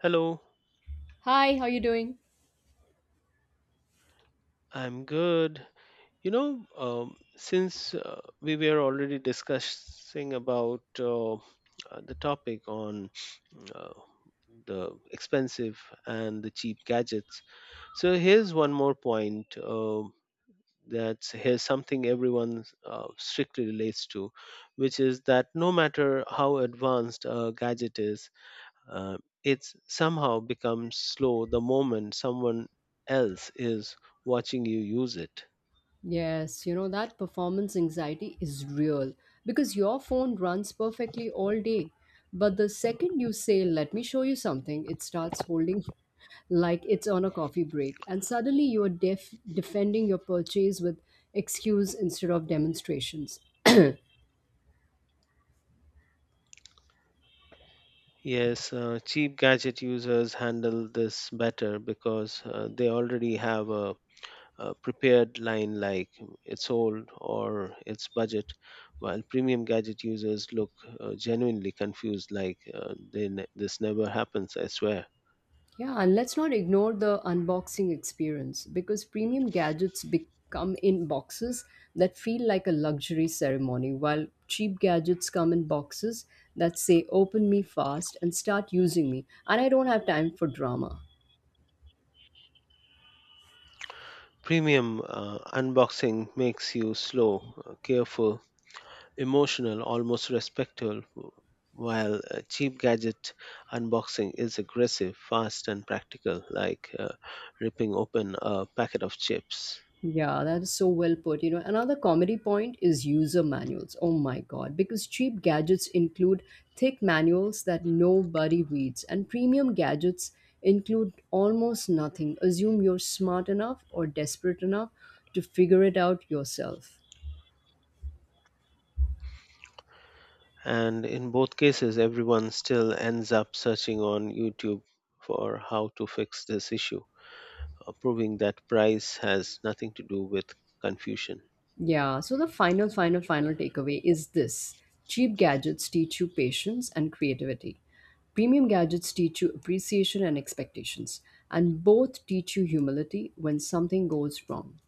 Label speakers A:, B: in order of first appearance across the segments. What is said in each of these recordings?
A: Hello,
B: Hi, how you doing?
A: I'm good. Since we were already discussing about the topic on uh, the expensive and the cheap gadgets. So here's one more point, that's here's something everyone strictly relates to, which is that no matter how advanced a gadget is, Uh, it's somehow becomes slow the moment someone else is watching you use it.
B: Yes, you know, that performance anxiety is real because your phone runs perfectly all day. But the second you say, let me show you something, it starts holding like it's on a coffee break. And suddenly you are defending your purchase with excuse instead of demonstrations.
A: Yes, cheap gadget users handle this better because they already have a prepared line like it's old or it's budget, while premium gadget users look genuinely confused like this never happens, I swear.
B: Yeah, and let's not ignore the unboxing experience because premium gadgets become in boxes that feel like a luxury ceremony, while cheap gadgets come in boxes that say, open me fast and start using me, and I don't have time for drama.
A: Premium unboxing makes you slow, careful, emotional, almost respectful, while a cheap gadget unboxing is aggressive, fast, and practical, like ripping open a packet of chips.
B: Yeah, that is so well put. You know, another comedy point is user manuals. Oh my God, because cheap gadgets include thick manuals that nobody reads, and premium gadgets include almost nothing. Assume you're smart enough or desperate enough to figure it out yourself.
A: And in both cases, everyone still ends up searching on YouTube for how to fix this issue, proving that price has nothing to do with confusion.
B: Yeah, so the final, final, final takeaway is this: cheap gadgets teach you patience and creativity. Premium gadgets teach you appreciation and expectations, and both teach you humility when something goes wrong.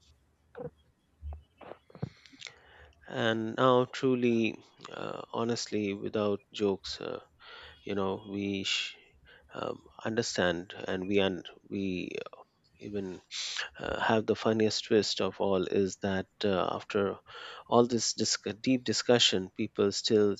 A: And now, truly, honestly, without jokes, you know we sh- understand and we even have the funniest twist of all is that after all this deep discussion people still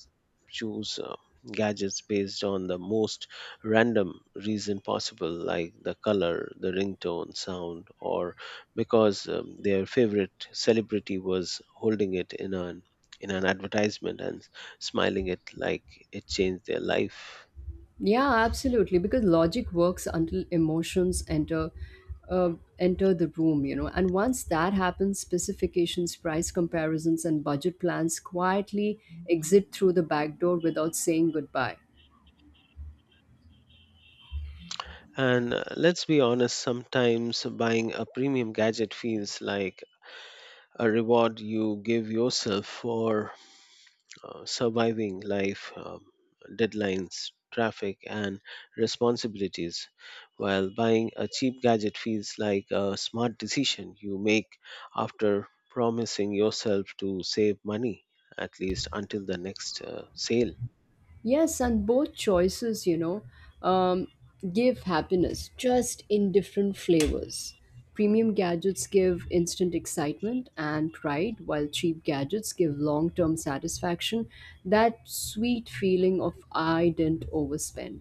A: choose gadgets based on the most random reason possible, like the color, the ringtone sound, or because their favorite celebrity was holding it in an advertisement and smiling it like it changed their life.
B: Yeah, absolutely, because logic works until emotions enter. Uh, Enter the room, you know, and once that happens, specifications, price comparisons, and budget plans quietly exit through the back door without saying goodbye.
A: And let's be honest, sometimes buying a premium gadget feels like a reward you give yourself for surviving life, deadlines, traffic, and responsibilities, while buying a cheap gadget feels like a smart decision you make after promising yourself to save money, at least until the next sale.
B: Yes, and both choices, you know, um, give happiness just in different flavors. Premium gadgets give instant excitement and pride, while cheap gadgets give long term satisfaction, that sweet feeling of I didn't overspend.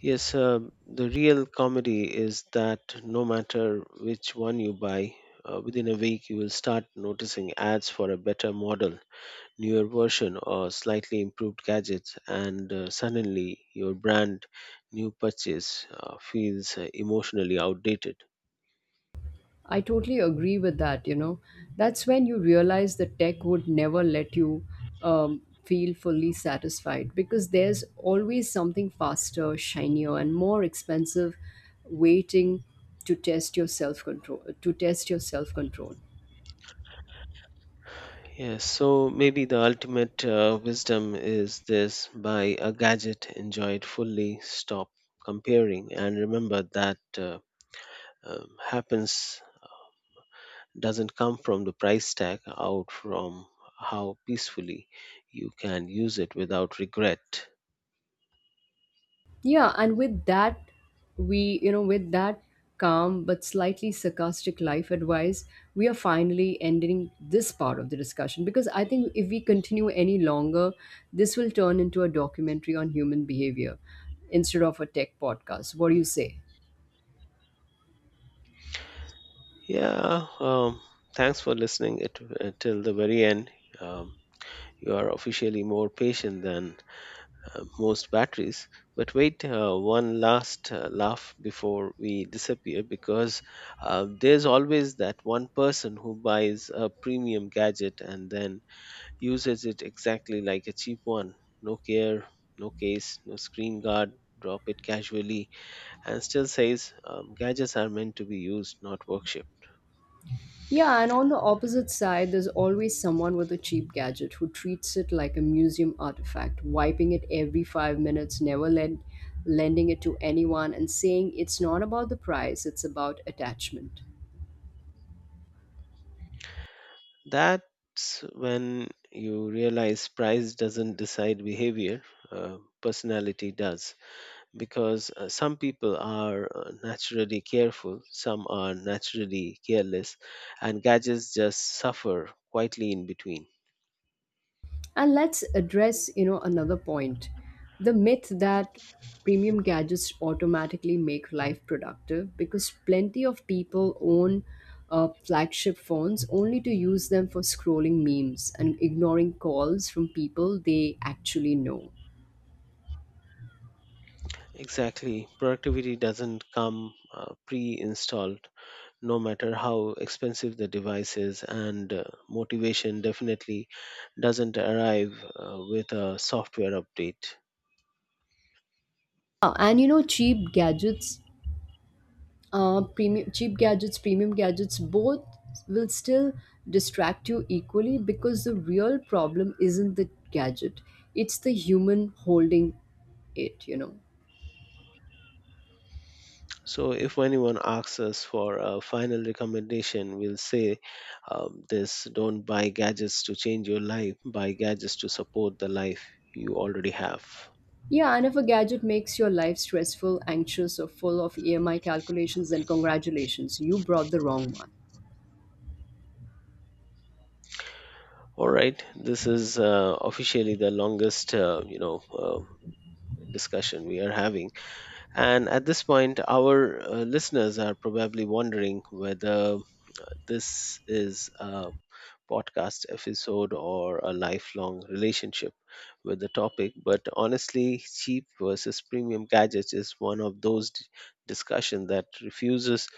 A: Yes, the real comedy is that no matter which one you buy, within a week you will start noticing ads for a better model, newer version, or slightly improved gadgets, and suddenly your brand new purchase feels emotionally outdated.
B: I totally agree with that. You know, that's when you realize the tech would never let you feel fully satisfied because there's always something faster, shinier, and more expensive waiting to test your self control. To test your self control.
A: Yes, so maybe the ultimate wisdom is this: buy a gadget, enjoy it fully, stop comparing, and remember that happens doesn't come from the price tag, out from how peacefully you can use it without regret.
B: Yeah, and with that, with that calm but slightly sarcastic life advice, we are finally ending this part of the discussion because I think if we continue any longer, this will turn into a documentary on human behavior instead of a tech podcast. What do you say?
A: Yeah, thanks for listening it, till the very end. Um, you are officially more patient than most batteries. But wait, one last laugh before we disappear, because there's always that one person who buys a premium gadget and then uses it exactly like a cheap one. No care, no case, no screen guard, drop it casually, and still says gadgets are meant to be used, not worshipped.
B: Yeah, and on the opposite side, there's always someone with a cheap gadget who treats it like a museum artifact, wiping it every 5 minutes, never lend, lending it to anyone, and saying it's not about the price, it's about attachment.
A: That's when you realize price doesn't decide behavior, personality does. Because some people are naturally careful, some are naturally careless, and gadgets just suffer quietly in between.
B: And let's address, you know, another point. The myth that premium gadgets automatically make life productive because plenty of people own flagship phones only to use them for scrolling memes and ignoring calls from people they actually know.
A: Exactly. Productivity doesn't come pre installed, no matter how expensive the device is, and motivation definitely doesn't arrive with a software update.
B: And you know, cheap gadgets premium cheap gadgets premium gadgets both will still distract you equally because the real problem isn't the gadget, it's the human holding it, you know.
A: So, if anyone asks us for a final recommendation, we'll say this: don't buy gadgets to change your life, buy gadgets to support the life you already have.
B: Yeah, and if a gadget makes your life stressful, anxious, or full of EMI calculations, then congratulations, you brought the wrong one.
A: All right, this is officially the longest, discussion we are having. And at this point, our listeners are probably wondering whether this is a podcast episode or a lifelong relationship with the topic. But honestly, cheap versus premium gadgets is one of those discussion that refuses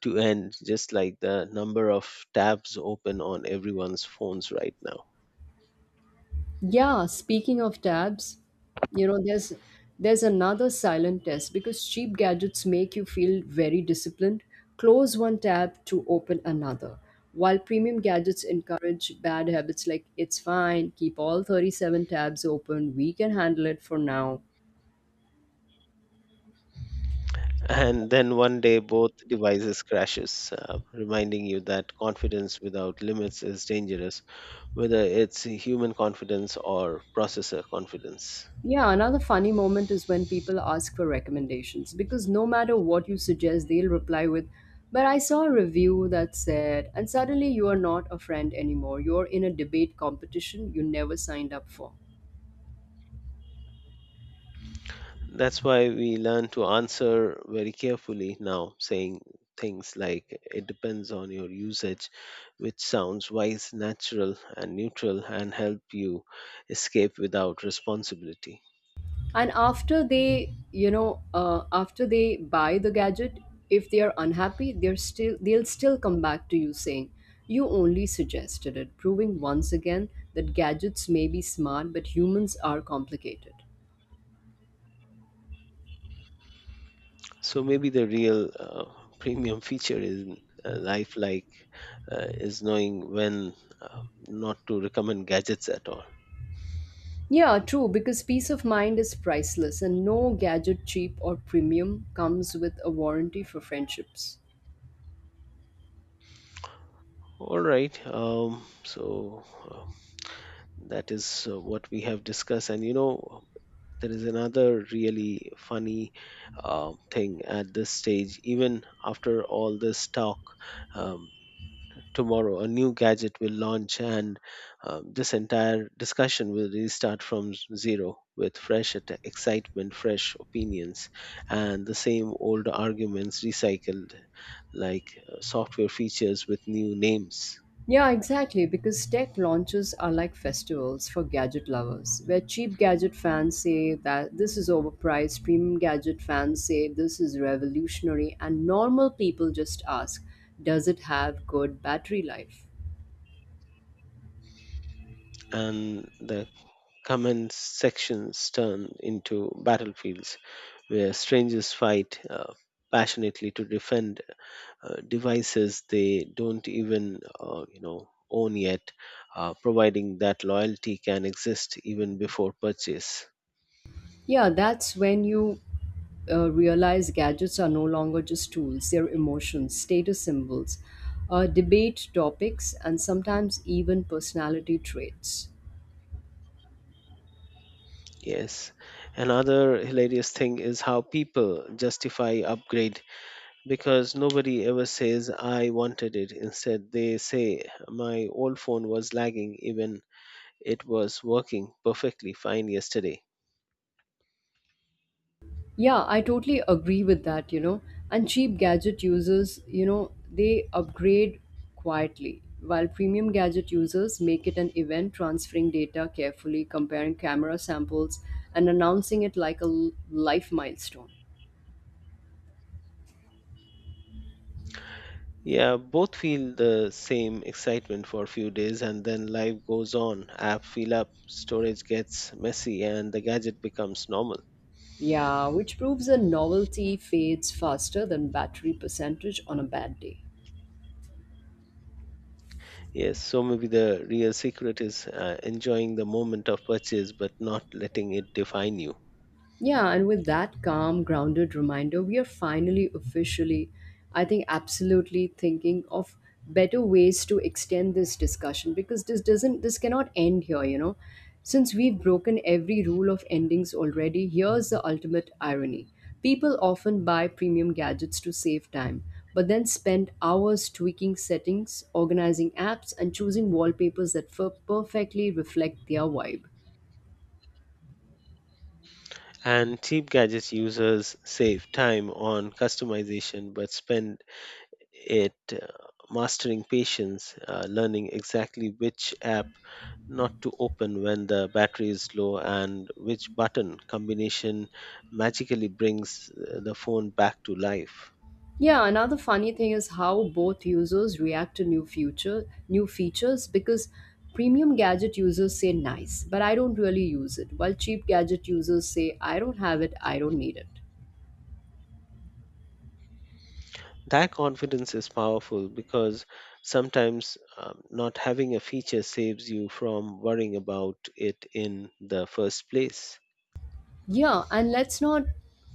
A: to end, just like the number of tabs open on everyone's phones right now.
B: Yeah, speaking of tabs, you know, there's another silent test because cheap gadgets make you feel very disciplined. Close one tab to open another. While premium gadgets encourage bad habits like it's fine, keep all 37 tabs open, we can handle it for now.
A: And then one day, both devices crashes, reminding you that confidence without limits is dangerous, whether it's human confidence or processor confidence.
B: Yeah, another funny moment is when people ask for recommendations because no matter what you suggest, they'll reply with, but I saw a review that said, and suddenly you are not a friend anymore. You're in a debate competition you never signed up for.
A: That's why we learn to answer very carefully now, saying things like, it depends on your usage, which sounds wise, natural, and neutral, and help you escape without responsibility.
B: And after they, you know, after they buy the gadget, if they are unhappy, they'll still come back to you saying, "You only suggested it," proving once again that gadgets may be smart, but humans are complicated.
A: So maybe the real premium feature in life, like is knowing when uh, not to recommend gadgets at all.
B: Yeah, true, because peace of mind is priceless and no gadget cheap or premium comes with a warranty for friendships.
A: All right. So that is what we have discussed. And you know, there is another really funny thing at this stage. Even after all this talk, um, tomorrow a new gadget will launch, and this entire discussion will restart from zero, with fresh excitement, fresh opinions, and the same old arguments recycled like software features with new names.
B: Yeah, exactly, because tech launches are like festivals for gadget lovers, where cheap gadget fans say that this is overpriced, premium gadget fans say this is revolutionary, and normal people just ask, does it have good battery life?
A: And the comment sections turn into battlefields where strangers fight passionately to defend devices they don't even own yet, providing that loyalty can exist even before purchase.
B: Yeah, that's when you realize gadgets are no longer just tools, they're emotions, status symbols, debate topics, and sometimes even personality traits.
A: Yes. Another hilarious thing is how people justify upgrade, because nobody ever says I wanted it. Instead, they say my old phone was lagging, even it was working perfectly fine yesterday.
B: Yeah, I totally agree with that, you know. And cheap gadget users, you know, they upgrade quietly, while premium gadget users make it an event, transferring data carefully, comparing camera samples, and announcing it like a life milestone.
A: Yeah, both feel the same excitement for a few days, and then life goes on. App fill up, storage gets messy, and the gadget becomes normal.
B: Yeah, which proves a novelty fades faster than battery percentage on a bad day.
A: Yes, so maybe the real secret is enjoying the moment of purchase but not letting it define you.
B: Yeah, and with that calm, grounded reminder, we are finally officially, I think, absolutely thinking of better ways to extend this discussion because this cannot end here, you know. Since we've broken every rule of endings already, here's the ultimate irony. People often buy premium gadgets to save time, but then spend hours tweaking settings, organizing apps, and choosing wallpapers that perfectly reflect their vibe.
A: And cheap gadgets users save time on customization but spend it mastering patience, learning exactly which app not to open when the battery is low and which button combination magically brings the phone back to life.
B: Yeah, another funny thing is how both users react to new features because premium gadget users say nice, but I don't really use it, while cheap gadget users say I don't have it, I don't need it.
A: That confidence is powerful because sometimes not having a feature saves you from worrying about it in the first place,
B: Yeah, and let's not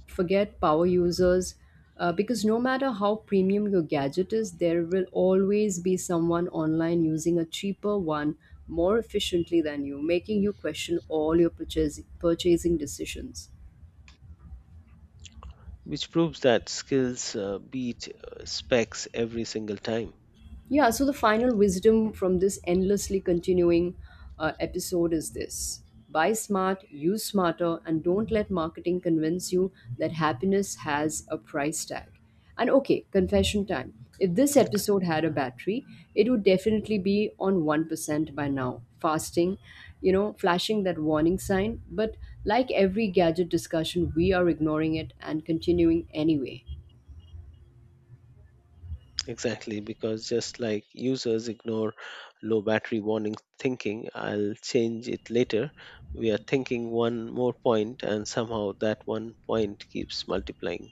B: forget power users because no matter how premium your gadget is, there will always be someone online using a cheaper one more efficiently than you, making you question all your purchasing decisions.
A: which proves that skills beat specs every single time.
B: Yeah, so the final wisdom from this endlessly continuing episode is this: buy smart, use smarter, and don't let marketing convince you that happiness has a price tag. And okay, confession time. If this episode had a battery, it would definitely be on 1% by now, fasting, you know, flashing that warning sign. But like every gadget discussion, we are ignoring it and continuing anyway.
A: Exactly, because just like users ignore low battery warning thinking, I'll change it later, we are thinking one more point, and somehow that one point keeps multiplying.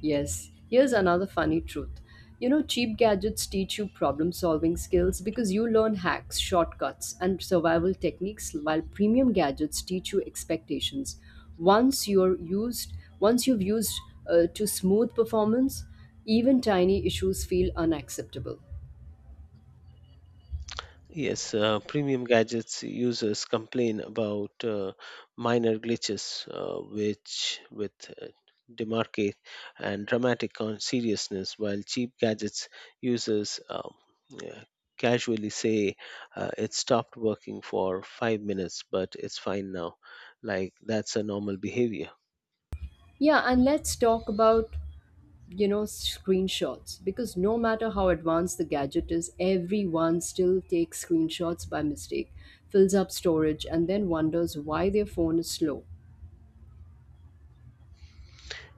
B: Yes, here's another funny truth. You know, cheap gadgets teach you problem solving skills because you learn hacks, shortcuts, and survival techniques, while premium gadgets teach you expectations. Once you're used, Once you've used to smooth performance, even tiny issues feel unacceptable.
A: Yes, premium gadgets users complain about minor glitches, which with uh, demarcate and dramatic on seriousness, while cheap gadgets users yeah, casually say it stopped working for 5 minutes, but it's fine now. Like that's a normal behavior.
B: Yeah, and let's talk about, you know, screenshots because no matter how advanced the gadget is, everyone still takes screenshots by mistake, fills up storage, and then wonders why their phone is slow.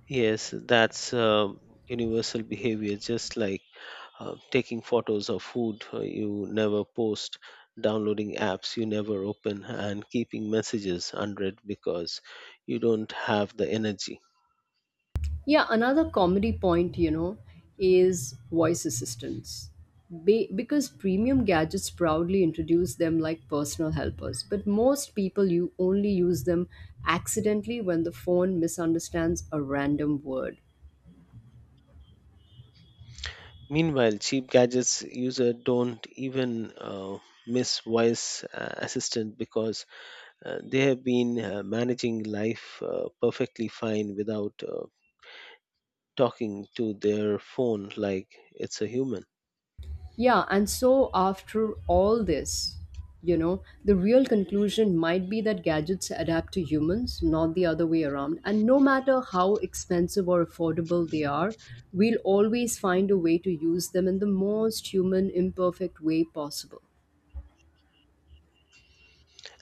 A: Yes, that's universal behavior, just like taking photos of food you never post, downloading apps you never open, and keeping messages unread because you don't have the energy.
B: Yeah, another comedy point, you know, is voice assistants. Because premium gadgets proudly introduce them like personal helpers, but most people you only use them accidentally when the phone misunderstands a random word.
A: Meanwhile, cheap gadgets user don't even miss voice assistant because they have been managing life perfectly fine without talking to their phone like it's a human.
B: Yeah, and so after all this, you know, the real conclusion might be that gadgets adapt to humans, not the other way around. And no matter how expensive or affordable they are, we'll always find a way to use them in the most human, imperfect way possible.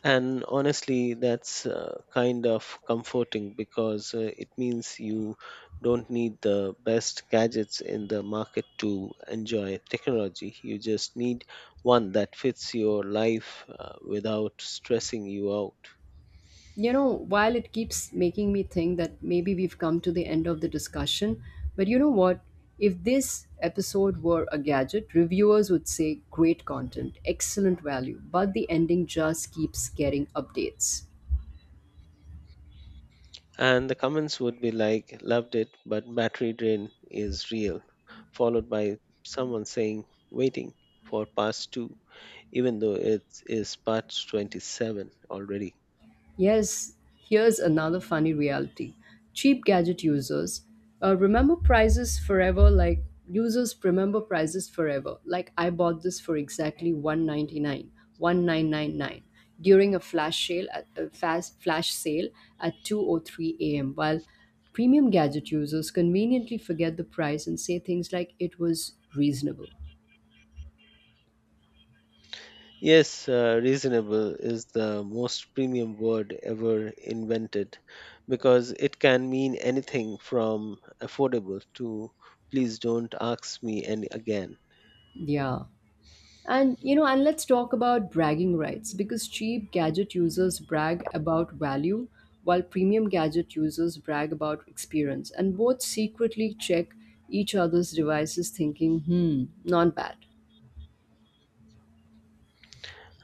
A: And honestly, that's kind of comforting because it means you don't need the best gadgets in the market to enjoy technology. You just need one that fits your life without stressing you out.
B: You know, while it keeps making me think that maybe we've come to the end of the discussion, but you know what? If this episode were a gadget, reviewers would say great content, excellent value, but the ending just keeps getting updates.
A: And the comments would be like, loved it, but battery drain is real, followed by someone saying, waiting for part two, even though it is part 27 already.
B: Yes, here's another funny reality. Cheap gadget users remember prices forever like users remember prices forever. Like I bought this for exactly 1.99, 1,999, during a flash sale at a fast flash sale at two or three a.m. while premium gadget users conveniently forget the price and say things like it was reasonable.
A: Yes, reasonable is the most premium word ever invented because it can mean anything from affordable to please don't ask me any again.
B: Yeah. And you know, and let's talk about bragging rights because cheap gadget users brag about value while premium gadget users brag about experience, and both secretly check each other's devices thinking, "Hmm, not bad."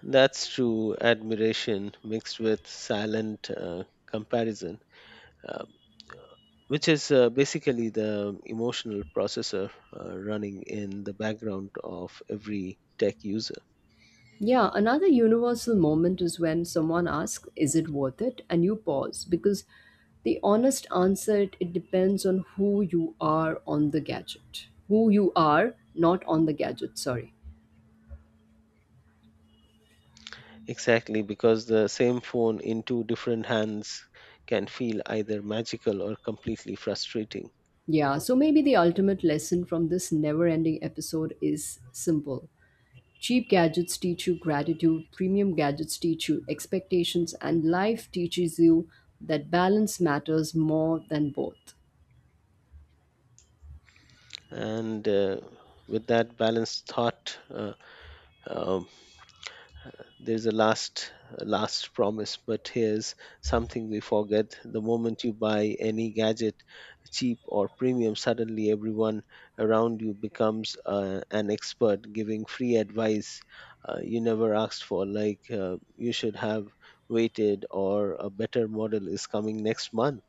A: That's true admiration mixed with silent comparison, uh, which is basically the emotional processor running in the background of every tech user.
B: Yeah, another universal moment is when someone asks, "Is it worth it?" and you pause because the honest answer, it depends on who you are on the gadget. Who you are, not on the gadget, sorry.
A: Exactly, because the same phone in two different hands can feel either magical or completely frustrating.
B: Yeah, so maybe the ultimate lesson from this never ending episode is simple. Cheap gadgets teach you gratitude, premium gadgets teach you expectations, and life teaches you that balance matters more than both.
A: And with that balanced thought, um, there's a last promise, but here's something we forget: the moment you buy any gadget, cheap or premium, suddenly everyone around you becomes an expert giving free advice you never asked for, like you should have waited, or a better model is coming next month.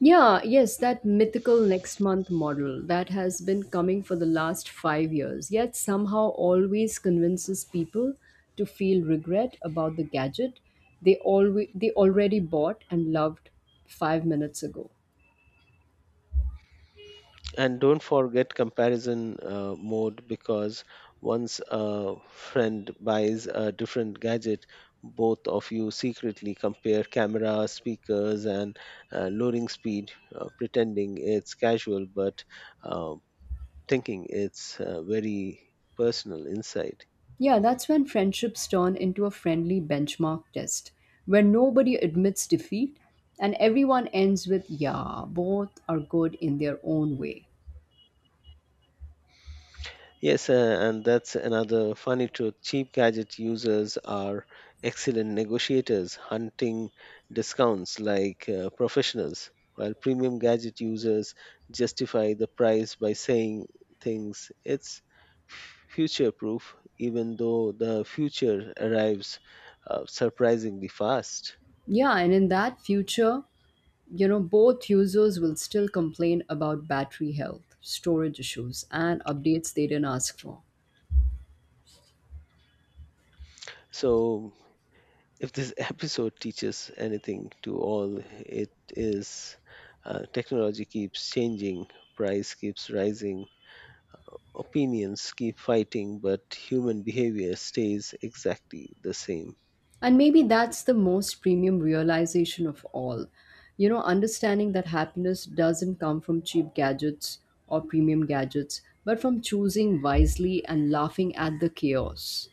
B: Yeah, yes, that mythical next month model that has been coming for the last 5 years, yet somehow always convinces people to feel regret about the gadget they already bought and loved 5 minutes ago.
A: And don't forget comparison mode, because once a friend buys a different gadget, both of you secretly compare camera, speakers, and loading speed, pretending it's casual but uh, thinking it's very personal insight.
B: Yeah, that's when friendships turn into a friendly benchmark test, where nobody admits defeat and everyone ends with, yeah, both are good in their own way.
A: Yes, and that's another funny truth. Cheap gadget users are excellent negotiators, hunting discounts like professionals, while premium gadget users justify the price by saying things it's future proof, even though the future arrives surprisingly fast.
B: Yeah, and in that future, you know, both users will still complain about battery health, storage issues, and updates they didn't ask for.
A: So, if this episode teaches anything to all, it is technology keeps changing, price keeps rising, opinions keep fighting, but human behavior stays exactly the same.
B: And maybe that's the most premium realization of all. You know, understanding that happiness doesn't come from cheap gadgets or premium gadgets, but from choosing wisely and laughing at the chaos.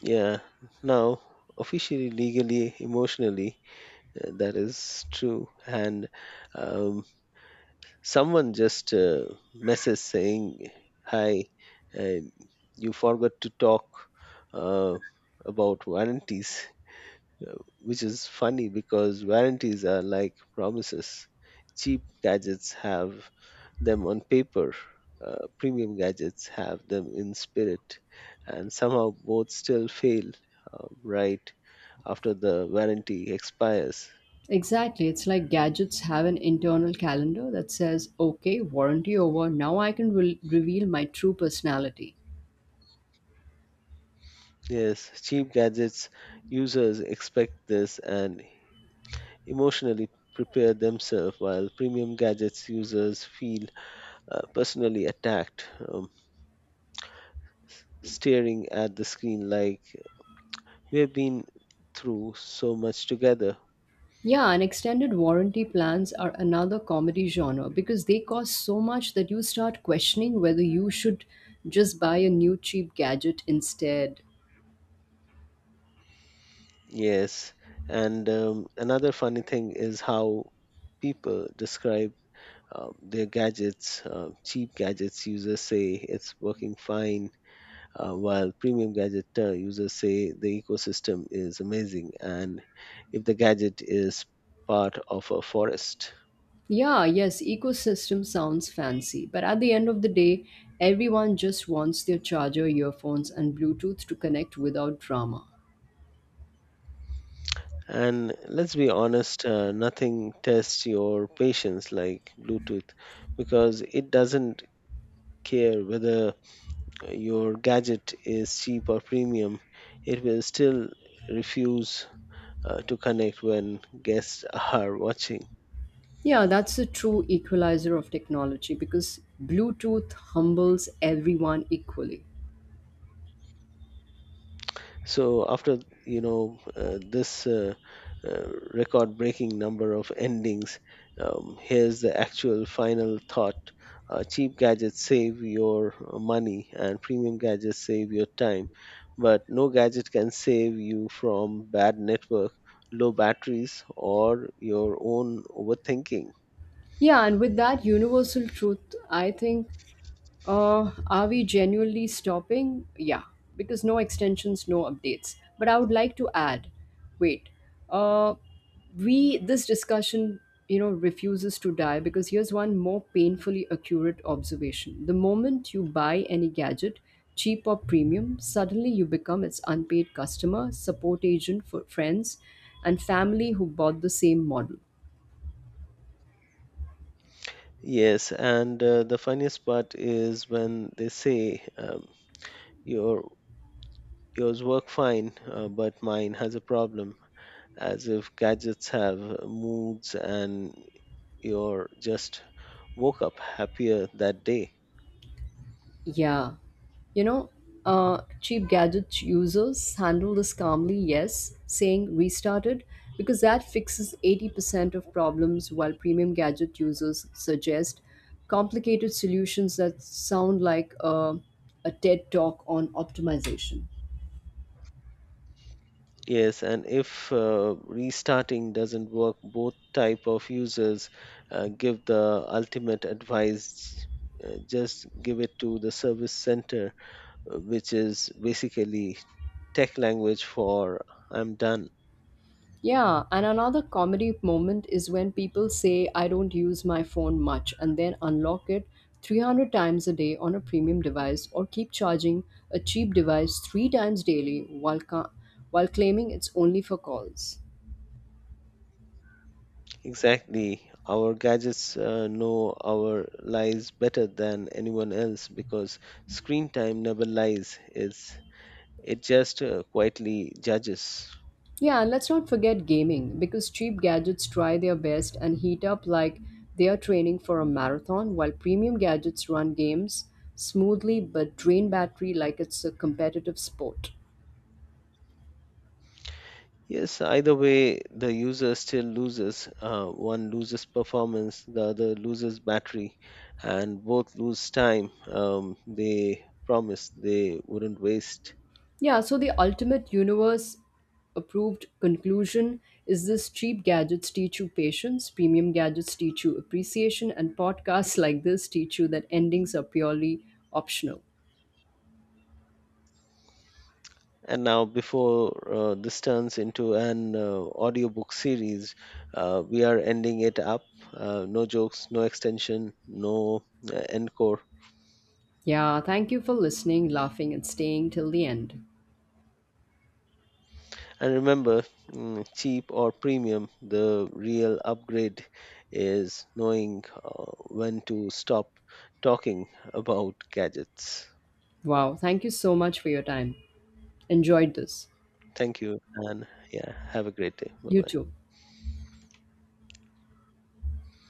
A: Yeah, now officially, legally, emotionally, that is true. And um, someone just message saying, "Hi, uh, you forgot to talk uh, about warranties." uh, which is funny because warranties are like promises. Cheap gadgets have them on paper, premium gadgets have them in spirit, and somehow both still fail right after the warranty expires.
B: Exactly. It's like gadgets have an internal calendar that says, okay, warranty over, now I can reveal my true personality.
A: Yes, cheap gadgets users expect this and emotionally prepare themselves, while premium gadgets users feel personally attacked, staring at the screen like we have been through so much together.
B: Yeah, and extended warranty plans are another comedy genre because they cost so much that you start questioning whether you should just buy a new cheap gadget instead.
A: Yes, and another funny thing is how people describe their gadgets. Cheap gadgets users say it's working fine, while premium gadget users say the ecosystem is amazing, and if the gadget is part of a forest.
B: Yeah, yes, ecosystem sounds fancy, but at the end of the day, everyone just wants their charger, earphones, and Bluetooth to connect without drama.
A: And let's be honest, nothing tests your patience like Bluetooth, because it doesn't care whether your gadget is cheap or premium, it will still refuse to connect when guests are watching.
B: Yeah, that's a true equalizer of technology because Bluetooth humbles everyone equally.
A: So after this record-breaking number of endings, here's the actual final thought. Cheap gadgets save your money and premium gadgets save your time, but no gadget can save you from bad network, low batteries, or your own overthinking.
B: Yeah, and with that universal truth, I think, are we genuinely stopping? Yeah, because no extensions, no updates. But I would like to add, wait, uh, we this discussion, you know, refuses to die because here's one more painfully accurate observation: the moment you buy any gadget, cheap or premium, suddenly you become its unpaid customer support agent for friends and family who bought the same model.
A: Yes, and the funniest part is when they say your yours work fine, but mine has a problem, as if gadgets have moods and you're just woke up happier that day.
B: Yeah. You know, cheap gadget users handle this calmly, yes, saying restarted, because that fixes 80% of problems, while premium gadget users suggest complicated solutions that sound like a TED talk on optimization.
A: Yes, and if restarting doesn't work, both type of users give the ultimate advice. Just give it to the service center, which is basically tech language for I'm done.
B: Yeah, and another comedy moment is when people say, I don't use my phone much, and then unlock it 300 times a day on a premium device or keep charging a cheap device three times daily while, while claiming it's only for calls.
A: Exactly. Our gadgets know our lies better than anyone else because screen time never lies. It just quietly judges.
B: Yeah, and let's not forget gaming because cheap gadgets try their best and heat up like they are training for a marathon, while premium gadgets run games smoothly but drain battery like it's a competitive sport.
A: Yes, either way, the user still loses. One loses performance, the other loses battery, and both lose time they promised they wouldn't waste.
B: Yeah, so the ultimate universe approved conclusion is this: cheap gadgets teach you patience, premium gadgets teach you appreciation, and podcasts like this teach you that endings are purely optional.
A: And now, before this turns into an audiobook series, we are ending it up. No jokes, no extension, no encore.
B: Yeah, thank you for listening, laughing, and staying till the end.
A: And remember, mm, cheap or premium, the real upgrade is knowing when to stop talking about gadgets.
B: Wow, thank you so much for your time. Enjoyed this.
A: Thank you, and yeah, have a great day. Bye
B: You
A: bye.
B: too.